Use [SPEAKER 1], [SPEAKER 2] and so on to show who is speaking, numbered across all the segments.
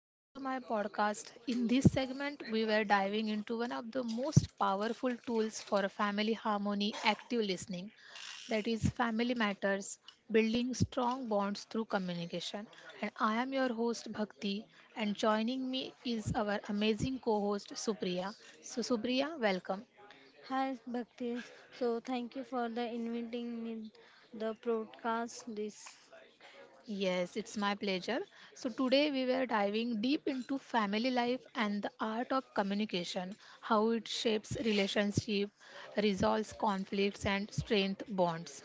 [SPEAKER 1] Welcome to my podcast. In this segment, we were diving into one of the most powerful tools for family harmony, active listening, that is, Family Matters: Building Strong Bonds Through Communication. And I am your host Bhakti, and joining me is our amazing co host Supriya. So, Supriya, welcome.
[SPEAKER 2] Hi, Bhakti. So, thank you for the inviting me the broadcast. This
[SPEAKER 1] Yes, it's my pleasure. So, today we were diving deep into family life and the art of communication, how it shapes relationship, resolves conflicts, and strength bonds.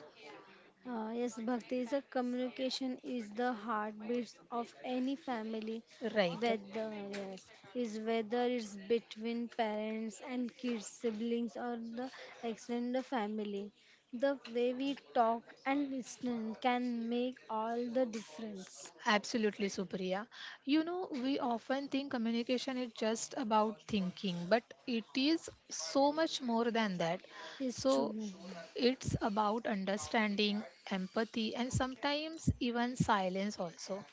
[SPEAKER 2] yes, Bhaktis. The communication is the heartbeat of any family.
[SPEAKER 1] Right.
[SPEAKER 2] Whether yes, is whether it's between parents and kids, siblings, or the extended family. The way we talk and listen can make all the difference.
[SPEAKER 1] Absolutely, Supriya. You know, we often think communication is just about thinking, but it is so much more than that.
[SPEAKER 2] It's
[SPEAKER 1] So,
[SPEAKER 2] true.
[SPEAKER 1] it's about understanding, empathy, and sometimes even silence also.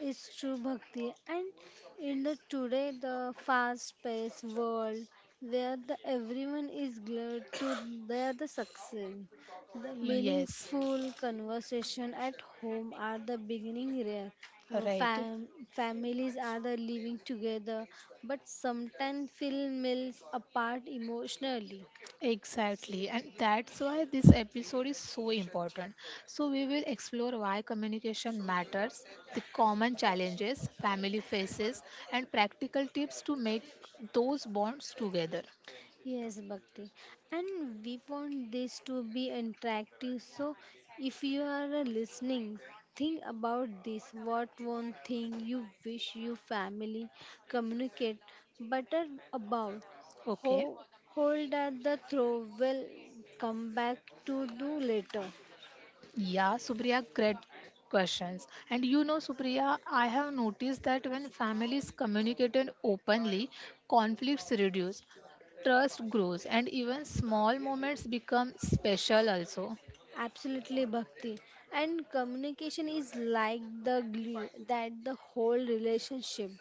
[SPEAKER 2] It's true, Bhakti. And in the today the fast paced world where the everyone is glued to their the success. The
[SPEAKER 1] Yes,
[SPEAKER 2] meaningful conversation at home are the beginning rare.
[SPEAKER 1] right.
[SPEAKER 2] Families are the living together but sometimes feel miles apart emotionally.
[SPEAKER 1] Exactly, and that's why this episode is so important. So, we will explore why communication matters, the common challenges family faces, and practical tips to make those bonds together.
[SPEAKER 2] Yes, Bhakti. And we want this to be interactive. So, if you are listening, think about this. What one thing you wish your family communicate better about?
[SPEAKER 1] Okay,
[SPEAKER 2] Ho- Hold at the throw will come back to do later.
[SPEAKER 1] yeah, Supriya, great questions. And you know, Supriya, I have noticed that when families communicated openly, conflicts reduce, trust grows, and even small moments become special also.
[SPEAKER 2] Absolutely, Bhakti. And communication is like the glue that the whole relationship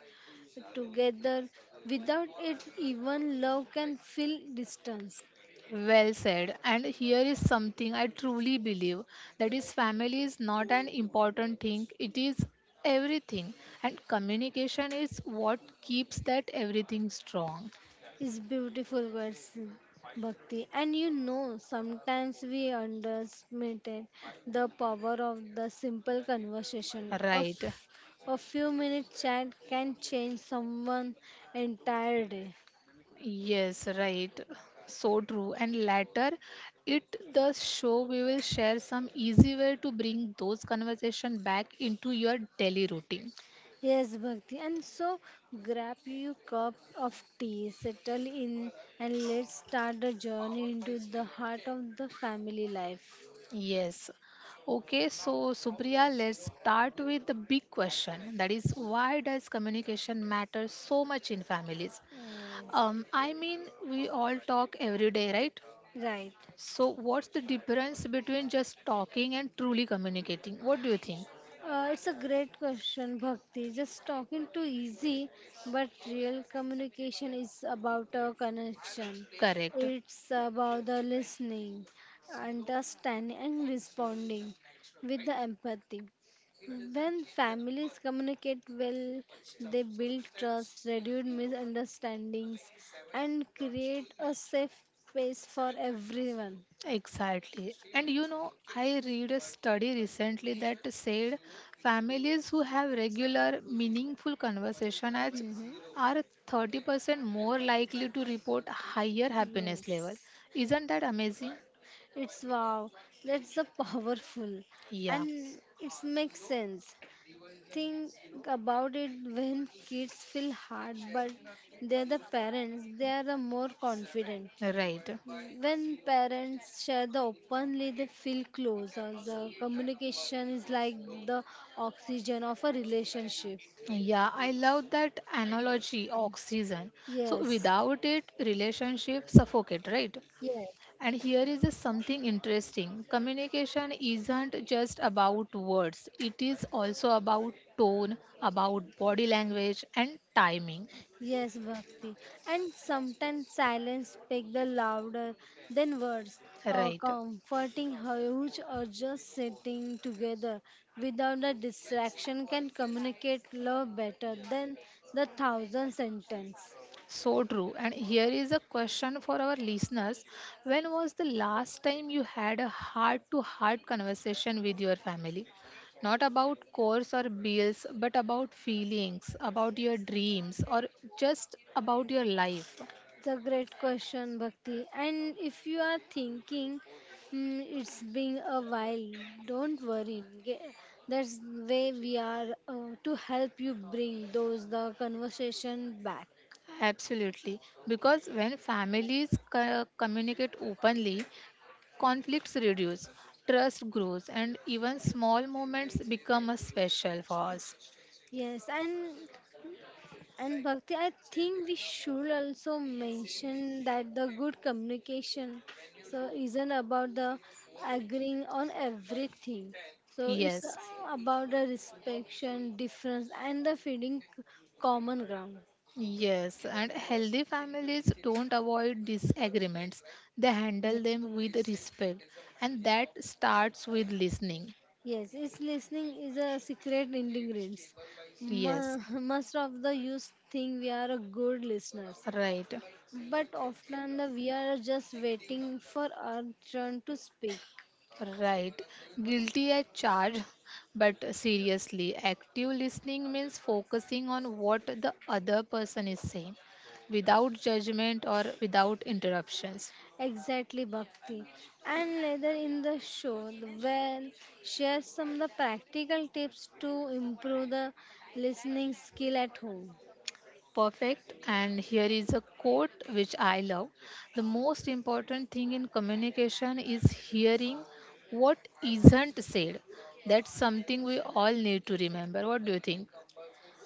[SPEAKER 2] together. Without it, even love can feel distance.
[SPEAKER 1] Well said. And here is something I truly believe, that is, family is not an important thing, it is everything. And communication is what keeps that everything strong.
[SPEAKER 2] It's beautiful words, Bhakti. And sometimes we underestimate the power of the simple conversation. A,
[SPEAKER 1] Right.
[SPEAKER 2] f- a few minute chat can change someone entire day.
[SPEAKER 1] Yes, right. So true. And later, it the show we will share some easy way to bring those conversation back into your daily routine.
[SPEAKER 2] Yes, Bhakti. And so grab your cup of tea, settle in, and let's start the journey into the heart of the family life.
[SPEAKER 1] Yes. Okay, so Supriya, let's start with the big question. That is, why does communication matter so much in families?
[SPEAKER 2] Yes,
[SPEAKER 1] I mean, we all talk every day, right?
[SPEAKER 2] right.
[SPEAKER 1] So, what's the difference between just talking and truly communicating? What do you think?
[SPEAKER 2] It's a great question, Bhakti. Just talking too easy, but real communication is about a connection.
[SPEAKER 1] Correct.
[SPEAKER 2] It's about the listening, understanding, and responding with the empathy. When families communicate well, they build trust, reduce misunderstandings, and create a safe space for everyone.
[SPEAKER 1] Exactly. And you know, I read a study recently that said families who have regular, meaningful conversation as
[SPEAKER 2] Hmm.
[SPEAKER 1] are 30% more likely to report higher happiness
[SPEAKER 2] Yes.
[SPEAKER 1] level. Isn't that amazing?
[SPEAKER 2] It's wow. That's the powerful,
[SPEAKER 1] Yeah,
[SPEAKER 2] and it makes sense. Think about it when kids feel hard, but they're the parents. They are the more confident.
[SPEAKER 1] right.
[SPEAKER 2] When parents share the openly, they feel closer. The communication is like the oxygen of a relationship.
[SPEAKER 1] Yeah, I love that analogy, oxygen. So
[SPEAKER 2] Yes.
[SPEAKER 1] without it, relationship suffocate, right?
[SPEAKER 2] Yes.
[SPEAKER 1] And here is a something interesting. Communication isn't just about words, it is also about tone, about body language, and timing.
[SPEAKER 2] Yes, Bhakti. And sometimes silence speaks the louder than words, or
[SPEAKER 1] Right.
[SPEAKER 2] comforting huge or just sitting together without a distraction can communicate love better than the thousand sentence.
[SPEAKER 1] So true. And here is a question for our listeners: when was the last time you had a heart to heart conversation with your family? Not about course or bills, but about feelings, about your dreams, or just about your life.
[SPEAKER 2] It's a great question, Bhakti. And if you are thinking it's been a while, don't worry. That's way we are to help you bring those the conversation back.
[SPEAKER 1] Absolutely, because when families communicate openly, conflicts reduce, trust grows, and even small moments become a special for us.
[SPEAKER 2] Yes, and Bhakti, I think we should also mention that the good communication so isn't about the agreeing on everything. So it's
[SPEAKER 1] Yes,
[SPEAKER 2] about the respect, difference, and the finding common ground.
[SPEAKER 1] yes, and healthy families don't avoid disagreements, they
[SPEAKER 2] Ye-
[SPEAKER 1] handle them with respect, and that starts with listening.
[SPEAKER 2] Yes, it's listening is a secret ingredients.
[SPEAKER 1] Yes,
[SPEAKER 2] Most of the youth think we are a good listeners,
[SPEAKER 1] right.
[SPEAKER 2] but often the, we are just waiting for our turn to speak.
[SPEAKER 1] Right. Guilty as charged, but seriously, active listening means focusing on what the other person is saying without judgment or without interruptions.
[SPEAKER 2] Exactly, Bhakti. And later in the show, the well, share some of the practical tips to improve the listening skill at home.
[SPEAKER 1] Perfect. And here is a quote which I love. The most important thing in communication is hearing what isn't said. That's something we all need to remember. What do you think?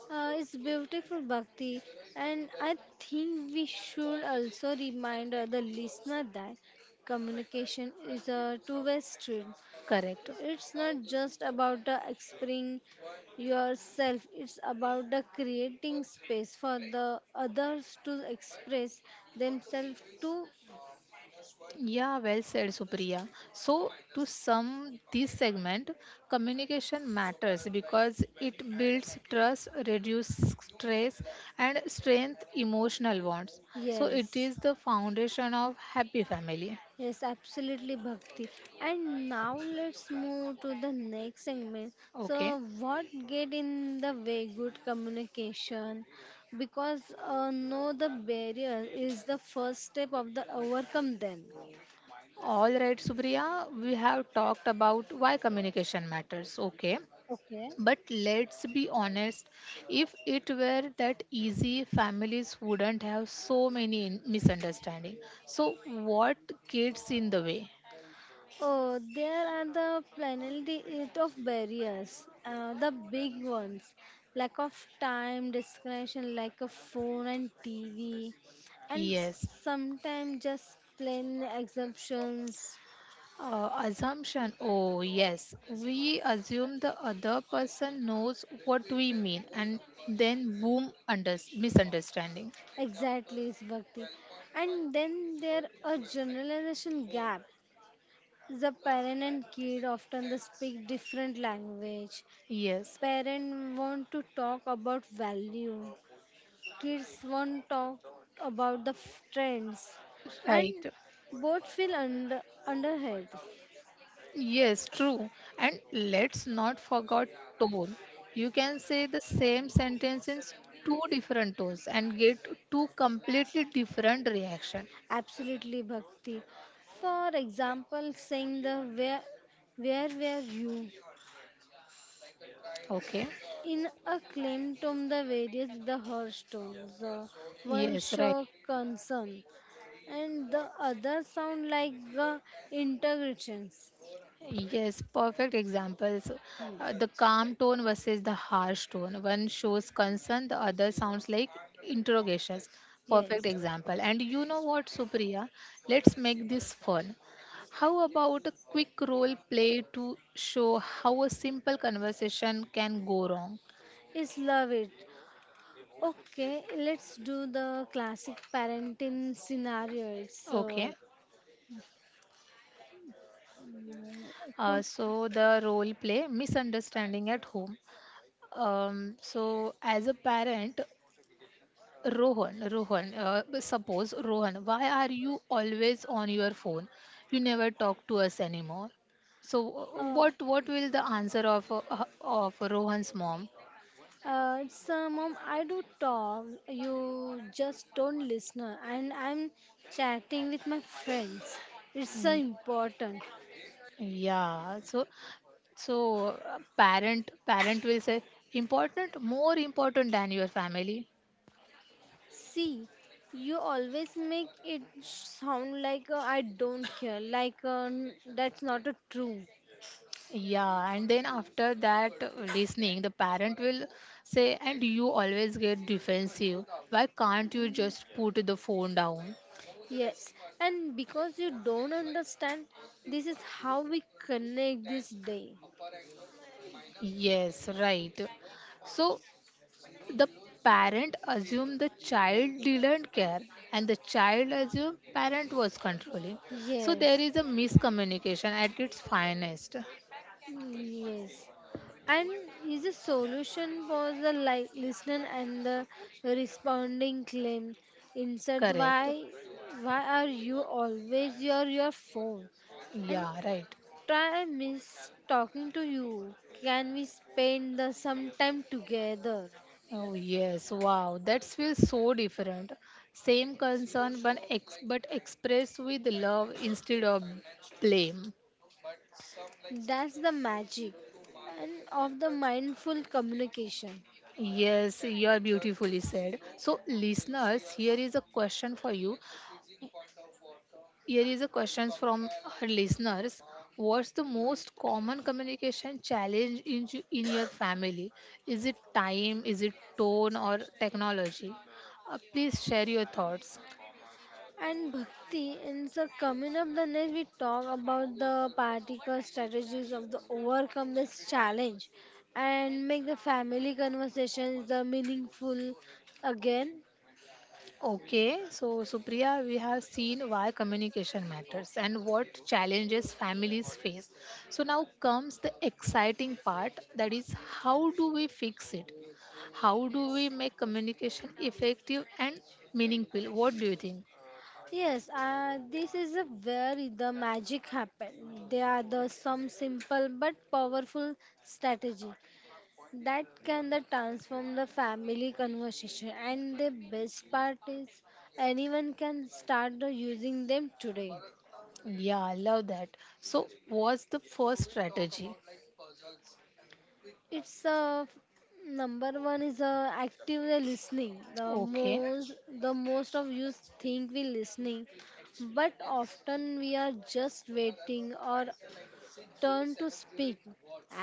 [SPEAKER 2] It's beautiful, Bhakti. And I think we should also remind the listener that communication is a two-way street.
[SPEAKER 1] Correct.
[SPEAKER 2] It's not just about the expressing yourself, it's about the creating space for the others to express themselves too.
[SPEAKER 1] Yeah, well said, Supriya. So, to sum this segment, communication matters because it builds trust, reduces stress, and strength emotional bonds. So, it
[SPEAKER 2] Yes.
[SPEAKER 1] is the foundation of happy family.
[SPEAKER 2] Yes, absolutely, Bhakti. And now let's move to the next segment.
[SPEAKER 1] Okay.
[SPEAKER 2] So, what get in the way good communication? Because know the barrier is the first step of the overcome them.
[SPEAKER 1] All right, Supriya, we have talked about why communication matters. Okay.
[SPEAKER 2] Okay.
[SPEAKER 1] But let's be honest, if it were that easy, families wouldn't have so many misunderstandings. So, what gets in the way?
[SPEAKER 2] Oh, there are the plenty of barriers, the big ones. Lack of time, discrimination like a phone and TV, and
[SPEAKER 1] Yes.
[SPEAKER 2] sometimes just plain exemptions.
[SPEAKER 1] Assumption. Oh, yes. We assume the other person knows what we mean, and then boom, misunderstanding.
[SPEAKER 2] Exactly, is Bhakti. And then there a generalization gap. The parent and kid often they speak different language.
[SPEAKER 1] Yes.
[SPEAKER 2] Parent want to talk about value Kids won't talk about the trends and
[SPEAKER 1] Right.
[SPEAKER 2] both feel under, underhead.
[SPEAKER 1] Yes, true. And let's not forget tone. You can say the same sentence in two different tones and get two completely different reaction.
[SPEAKER 2] Absolutely, Bhakti. For example, saying the where were you?
[SPEAKER 1] Okay?
[SPEAKER 2] In a claim tone, the various the harsh tones. One
[SPEAKER 1] Yes, right.
[SPEAKER 2] show concern and the other sound like integrations.
[SPEAKER 1] Yes, perfect examples.
[SPEAKER 2] Hmm.
[SPEAKER 1] The calm tone versus the harsh tone. One shows concern, the other sounds like interrogations. Perfect
[SPEAKER 2] Yes,
[SPEAKER 1] example. And you know what, Supriya? Let's make this fun. How about a quick role play to show how a simple conversation can go wrong?
[SPEAKER 2] it's love it. Okay, let's do the classic parenting scenario. It's
[SPEAKER 1] Okay.
[SPEAKER 2] mm,
[SPEAKER 1] Uh,
[SPEAKER 2] con-
[SPEAKER 1] so the role play: misunderstanding at home. So as a parent, Rohan, Rohan, suppose Rohan, why are you always on your phone? You never talk to us anymore. So,
[SPEAKER 2] uh,
[SPEAKER 1] what will the answer of Rohan's mom?
[SPEAKER 2] it's Mom. I do talk. You just don't listen. And I'm chatting with my friends. It's
[SPEAKER 1] Mm,
[SPEAKER 2] important.
[SPEAKER 1] Yeah. So parent will say important, more important than your family.
[SPEAKER 2] See, you always make it sound like I don't care. Like that's not a true.
[SPEAKER 1] Yeah, and then after that listening, the parent will say, and you always get defensive. Why can't you just put the phone down?
[SPEAKER 2] Yes, and because you don't understand, this is how we connect this day.
[SPEAKER 1] Yes, right. So the parent assumed the child didn't care and the child assumed parent was controlling. So
[SPEAKER 2] Yes,
[SPEAKER 1] there is a miscommunication at its finest.
[SPEAKER 2] yes. And is a solution for the like listener and the responding claim. Instead,
[SPEAKER 1] Correct.
[SPEAKER 2] why are you always your phone? And
[SPEAKER 1] Yeah, right.
[SPEAKER 2] try miss talking to you. Can we spend the some time together?
[SPEAKER 1] Oh yes, wow. That feels so different. Same concern but expressed with love instead of blame.
[SPEAKER 2] That's the magic and of the mindful communication.
[SPEAKER 1] Yes, you are beautifully said. So, listeners, here is a question for you. Here is a question from our listeners. What's the most common communication challenge in, in your family? Is it time? Is it tone or technology? Please share your thoughts.
[SPEAKER 2] And Bhakti in so coming up the next we talk about the practical strategies of the overcome this challenge and make the family conversations the meaningful again.
[SPEAKER 1] Okay, so Supriya, we have seen why communication matters and what challenges families face. So now comes the exciting part, that is, how do we fix it? How do we make communication effective and meaningful? What do you think?
[SPEAKER 2] Yes, this is a where the magic happen. They are the some simple but powerful strategy that can the transform the family conversation, and the best part is anyone can start the using them today.
[SPEAKER 1] Yeah, I love that. So, what's the first strategy?
[SPEAKER 2] It's a number one is active the listening. the
[SPEAKER 1] Okay,
[SPEAKER 2] most the most of you think we listening but often we are just waiting or turn to speak.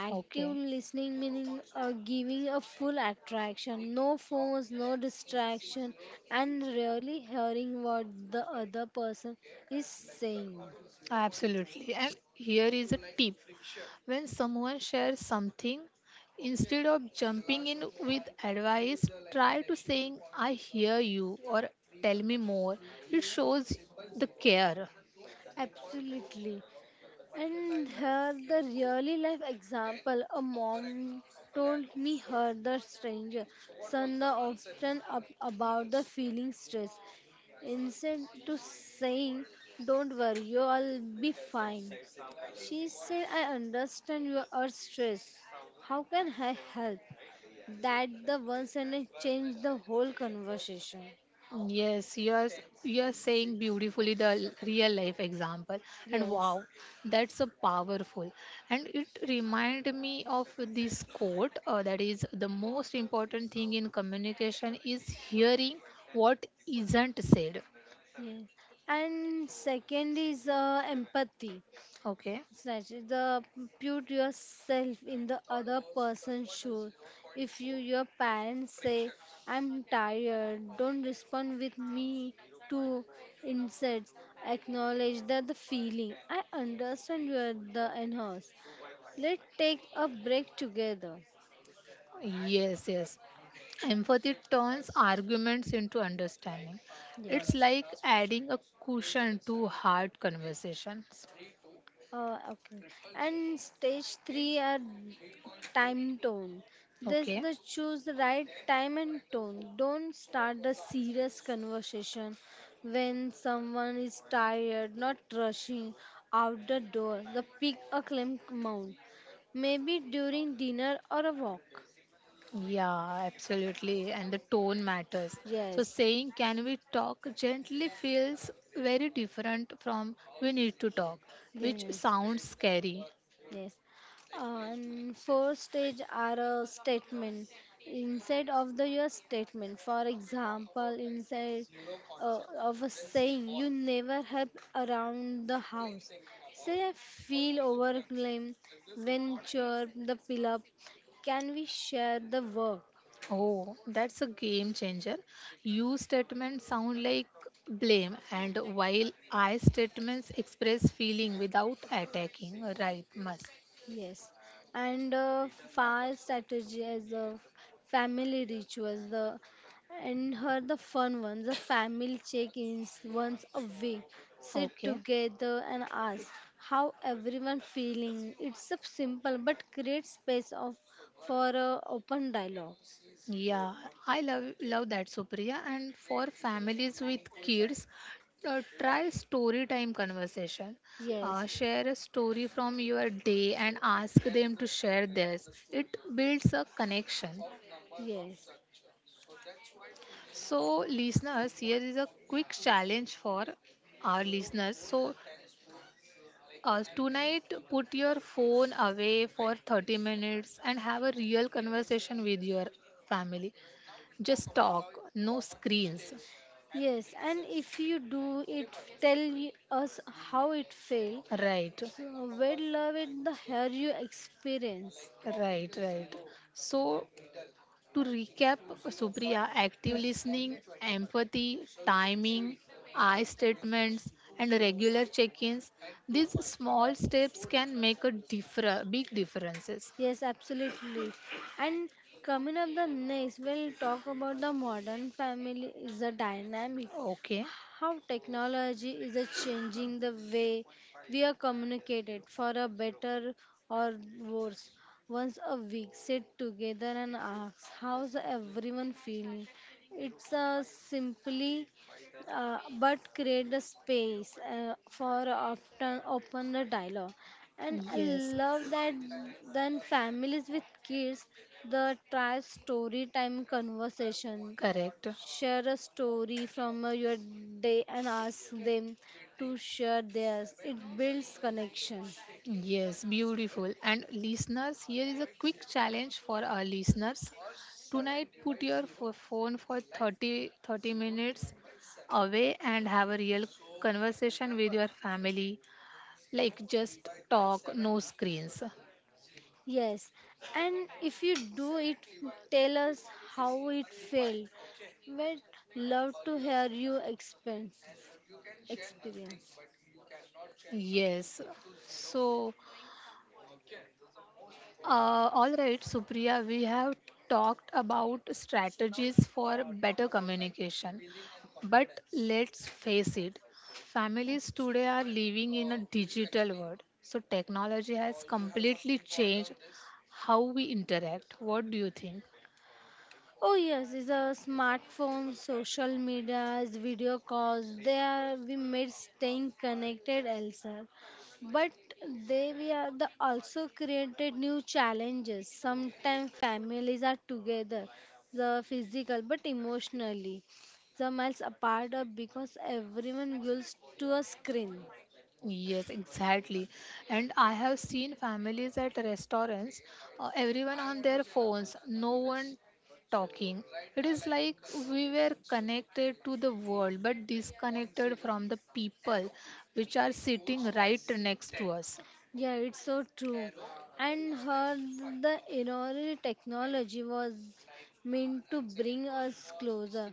[SPEAKER 2] Active
[SPEAKER 1] okay.
[SPEAKER 2] listening meaning giving a full attraction, no phones, no distraction, and really hearing what the other person is saying.
[SPEAKER 1] Absolutely. And here is a tip. When someone shares something, instead of jumping in with advice, try to saying, I hear you or tell me more. It shows the care.
[SPEAKER 2] Absolutely. And here the really life example a mom told me her the stranger son the often up about the feeling stress. Instead to saying, don't worry, you'll be fine. She said, I understand you are stressed. How can I help? That the one sentence changed the whole conversation.
[SPEAKER 1] Yes, you are saying beautifully the real life example, and
[SPEAKER 2] Yes.
[SPEAKER 1] wow, that's a powerful. And it reminded me of this quote that is, the most important thing in communication is hearing what isn't said.
[SPEAKER 2] Yes. And second is empathy.
[SPEAKER 1] Okay.
[SPEAKER 2] Exactly. The put yourself in the other person's shoes. If you your parents say, I'm tired, don't respond with me to insults. Acknowledge that the feeling. I understand you are the enhanced. Let's take a break together.
[SPEAKER 1] Yes, yes. Empathy turns arguments into understanding. It's
[SPEAKER 2] Yes.
[SPEAKER 1] like adding a cushion to hard conversations.
[SPEAKER 2] Okay. And stage three are time tone. This
[SPEAKER 1] Okay.
[SPEAKER 2] the choose the right time and tone. Don't start the serious conversation when someone is tired, not rushing out the door. The pick a calm amount. Maybe during dinner or a walk.
[SPEAKER 1] Yeah, absolutely. And the tone matters. So
[SPEAKER 2] Yes.
[SPEAKER 1] saying, can we talk gently feels very different from we need to talk, which
[SPEAKER 2] Yes.
[SPEAKER 1] sounds scary.
[SPEAKER 2] Yes. And first stage are a statement inside of the your statement. For example, inside of a saying, you never help around the house. Say I feel overclaim when chirp the pillar. Can we share the work?
[SPEAKER 1] Oh, that's a game changer. You statements sound like blame, and while I statements express feeling without attacking. Right, must.
[SPEAKER 2] Yes, and fast strategy as the family rituals, the and her the fun ones, the family check-ins once a week, sit
[SPEAKER 1] Okay.
[SPEAKER 2] together and ask how everyone feeling. It's a simple but create space of for a open dialogue.
[SPEAKER 1] Yeah, I love that, Supriya. And for families with kids, try story time conversation.
[SPEAKER 2] Yes,
[SPEAKER 1] Share a story from your day and ask them to share theirs. It builds a connection.
[SPEAKER 2] yes,
[SPEAKER 1] So, listeners, here is a quick challenge for our listeners. So, tonight, put your phone away for 30 minutes and have a real conversation with your family. Just talk, no screens.
[SPEAKER 2] yes, and if you do it, tell us how it felt.
[SPEAKER 1] Right,
[SPEAKER 2] So, we'd love it the how you experience.
[SPEAKER 1] right, right. So, to recap, Supriya, active
[SPEAKER 2] Yes,
[SPEAKER 1] listening, empathy, timing, I statements, and regular check ins, these small steps can make a big differences.
[SPEAKER 2] yes, absolutely. And coming up the next, we'll talk about the modern family is the dynamic.
[SPEAKER 1] Okay,
[SPEAKER 2] How technology is a changing the way we are communicated for a better or worse. Once a week, sit together and ask how's everyone feeling. It's a simply but create the space for often open the dialogue. And I
[SPEAKER 1] yes,
[SPEAKER 2] love that. Then families with kids the try story time conversation,
[SPEAKER 1] correct.
[SPEAKER 2] share a story from your day and ask them to share theirs. It builds connection.
[SPEAKER 1] Yes, beautiful. And listeners, here is a quick challenge for our listeners. Tonight, put your phone for 30 30 minutes away and have a real conversation with your family, like just talk, no screens.
[SPEAKER 2] Yes, and if you do it tell us how it felt. We'd love to hear your experience.
[SPEAKER 1] Yes. So, uh, all right, Supriya, we have talked about strategies for better communication. But let's face it, families today are living in a digital world. So, technology has completely changed how we interact. What do you think?
[SPEAKER 2] Oh yes, it's a smartphone, social medias, video calls. They are we made staying connected elsewhere, but they we are the also created new challenges. Sometimes families are together, the physical but emotionally, the miles apart because everyone wills to a screen.
[SPEAKER 1] Yes, exactly. And I have seen families at restaurants, everyone on their phones, no one talking. It is like we were connected to the world but disconnected from the people which are sitting right next to us.
[SPEAKER 2] Yeah, it's so true. And her the innovative technology was meant to bring us closer.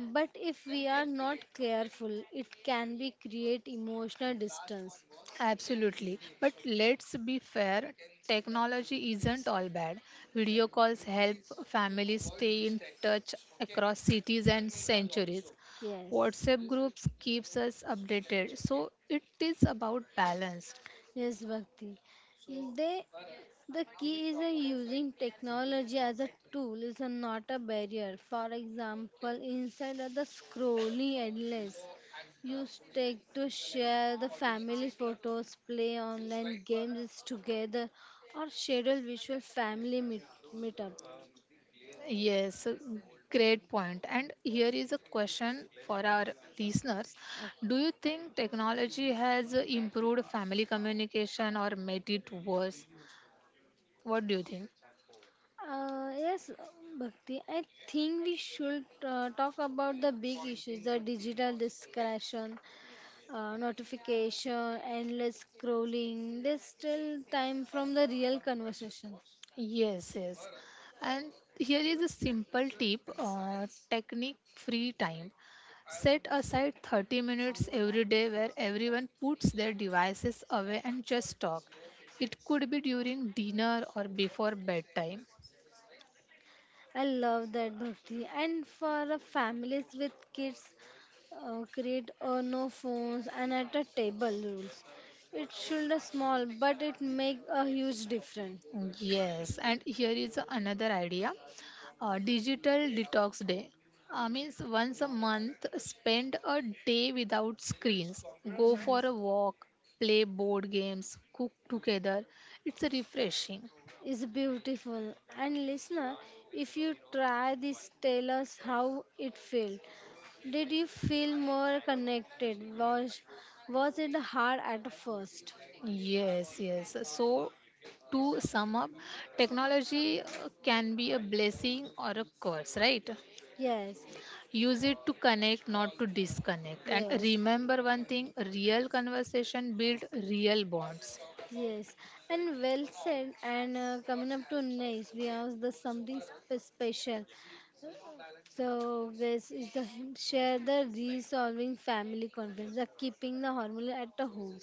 [SPEAKER 2] But if we are not careful, it can be create emotional distance.
[SPEAKER 1] Absolutely. But let's be fair, technology isn't all bad. Video calls help families stay in touch across cities and centuries.
[SPEAKER 2] Yes.
[SPEAKER 1] WhatsApp groups keeps us updated. So it is about balance.
[SPEAKER 2] Yes, Bhakti. They, the key is a using technology as a tool is a not a barrier. For example, inside of the scrolling endless, use tech to share the family photos, play online games together, or schedule virtual family meetup.
[SPEAKER 1] Yes, great point. And here is a question for our listeners.
[SPEAKER 2] Okay.
[SPEAKER 1] Do you think technology has improved family communication or made it worse? What do you think?
[SPEAKER 2] Yes, Bhakti, I think we should talk about the big issues, the digital discretion. Notification, endless scrolling. They still time from the real conversation.
[SPEAKER 1] Yes, yes. And here is a simple tip technique free time. Set aside 30 minutes every day where everyone puts their devices away and just talk. It could be during dinner or before bedtime.
[SPEAKER 2] I love that, Bhakti. And for a families with kids, create a no phones and at a table rules. It should a small, but it make a huge difference.
[SPEAKER 1] Yes, and here is another idea digital detox day. Means once a month, spend a day without screens. Go
[SPEAKER 2] Hmm.
[SPEAKER 1] for a walk, play board games, cook together. It's refreshing.
[SPEAKER 2] Is beautiful. And listener, if you try this, tell us how it felt. Did you feel more connected? Was it hard at first?
[SPEAKER 1] Yes, yes. So, to sum up, technology can be a blessing or a curse, right?
[SPEAKER 2] Yes,
[SPEAKER 1] Use it to connect, not to disconnect. And
[SPEAKER 2] yes,
[SPEAKER 1] remember one thing, real conversation build real bonds.
[SPEAKER 2] yes. And well said. And coming up to next, we have the something special. So this is the share the resolving family conflict, the keeping the harmony at the home.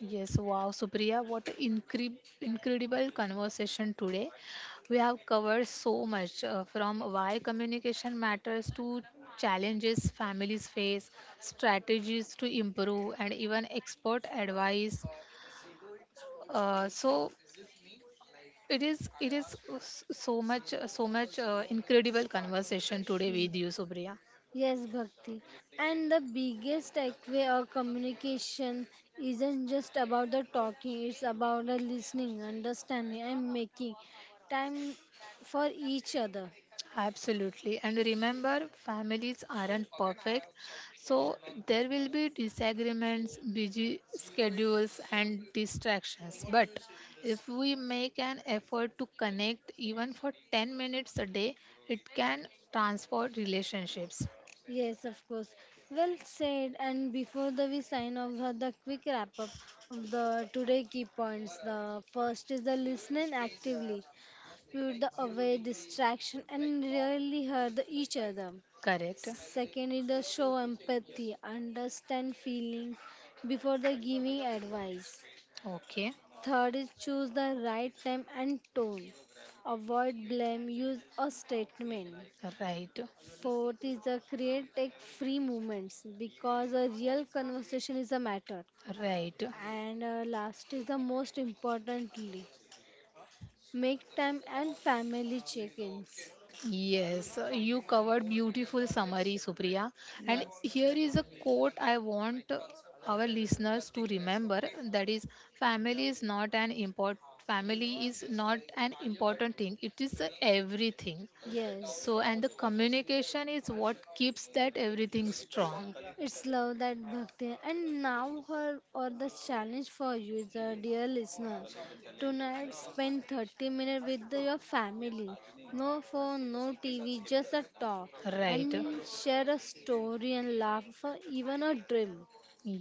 [SPEAKER 1] Yes, wow, Supriya, what a incredible conversation today. We have covered so much, from why communication matters to challenges families face, strategies to improve, and even expert advice. So it is so much incredible conversation today with you, Supriya.
[SPEAKER 2] Yes, Bhakti. And the biggest takeaway or communication isn't just about the talking, it's about the listening, understanding, and making time for each other.
[SPEAKER 1] Absolutely. And remember, families aren't perfect. So there will be disagreements, busy schedules, and distractions. But if we make an effort to connect even for 10 minutes a day, it can transform relationships.
[SPEAKER 2] Yes, of course. Well said. And before the we sign off, the quick wrap up of the today key points. The first is the listening actively. Spewed the away distraction and rarely heard the each other.
[SPEAKER 1] Correct?
[SPEAKER 2] Second is the show empathy, understand feelings before the giving advice.
[SPEAKER 1] Okay.
[SPEAKER 2] Third is choose the right time and tone. Avoid blame, use a statement.
[SPEAKER 1] Right.
[SPEAKER 2] Fourth is the create tech free moments because a real conversation is a matter.
[SPEAKER 1] Right.
[SPEAKER 2] And last is the most importantly, make time and family check-ins.
[SPEAKER 1] Yes, you covered beautiful summary, Supriya. And
[SPEAKER 2] Yes.
[SPEAKER 1] here is a quote I want our listeners to remember, that is, family is not an import family is not an important thing, it is everything.
[SPEAKER 2] Yes,
[SPEAKER 1] So and the communication is what keeps that everything strong.
[SPEAKER 2] it's love that, Bhakti. And now, her or the challenge for you is a dear listener. Tonight, spend 30 minutes with your family. No phone, no TV, just a talk.
[SPEAKER 1] Right?
[SPEAKER 2] And share a story and laugh for even a dream.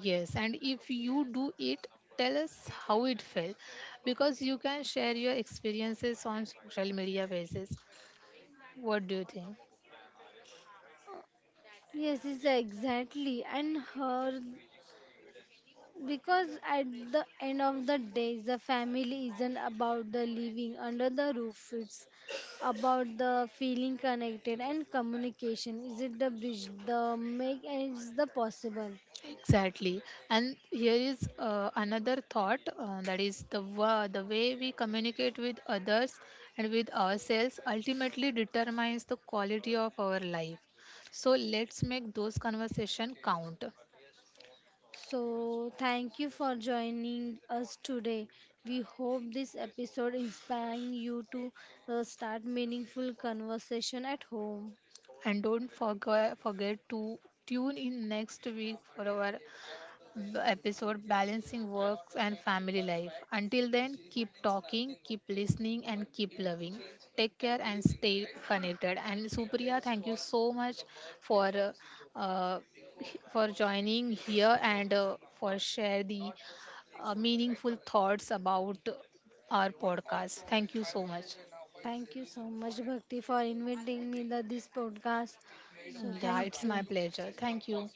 [SPEAKER 1] Yes, and if you do it, tell us how it felt, because you can share your experiences on social media basis. What do you think?
[SPEAKER 2] Yes, it's exactly. And her because at the end of the day, the family isn't about the living under the roof. It's about the feeling connected and communication. Is it the bridge, the make, and it's the possible.
[SPEAKER 1] Exactly. And here is another thought that is, the the way we communicate with others and with ourselves ultimately determines the quality of our life. So let's make those conversation count
[SPEAKER 2] So thank you for joining us today. We hope this episode inspiring you to start meaningful conversation at home.
[SPEAKER 1] and don't forget to tune in next week for our episode: Balancing Work and Family Life. Until then, keep talking, keep listening, and keep loving. Take care and stay connected. And Supriya, thank you so much for uh, uh, for joining here and for share the meaningful thoughts about our podcast. Thank you so much.
[SPEAKER 2] Thank you so much, Bhakti, for inviting me to this podcast. So
[SPEAKER 1] Yeah,
[SPEAKER 2] thank
[SPEAKER 1] it's my
[SPEAKER 2] you.
[SPEAKER 1] pleasure. Thank you.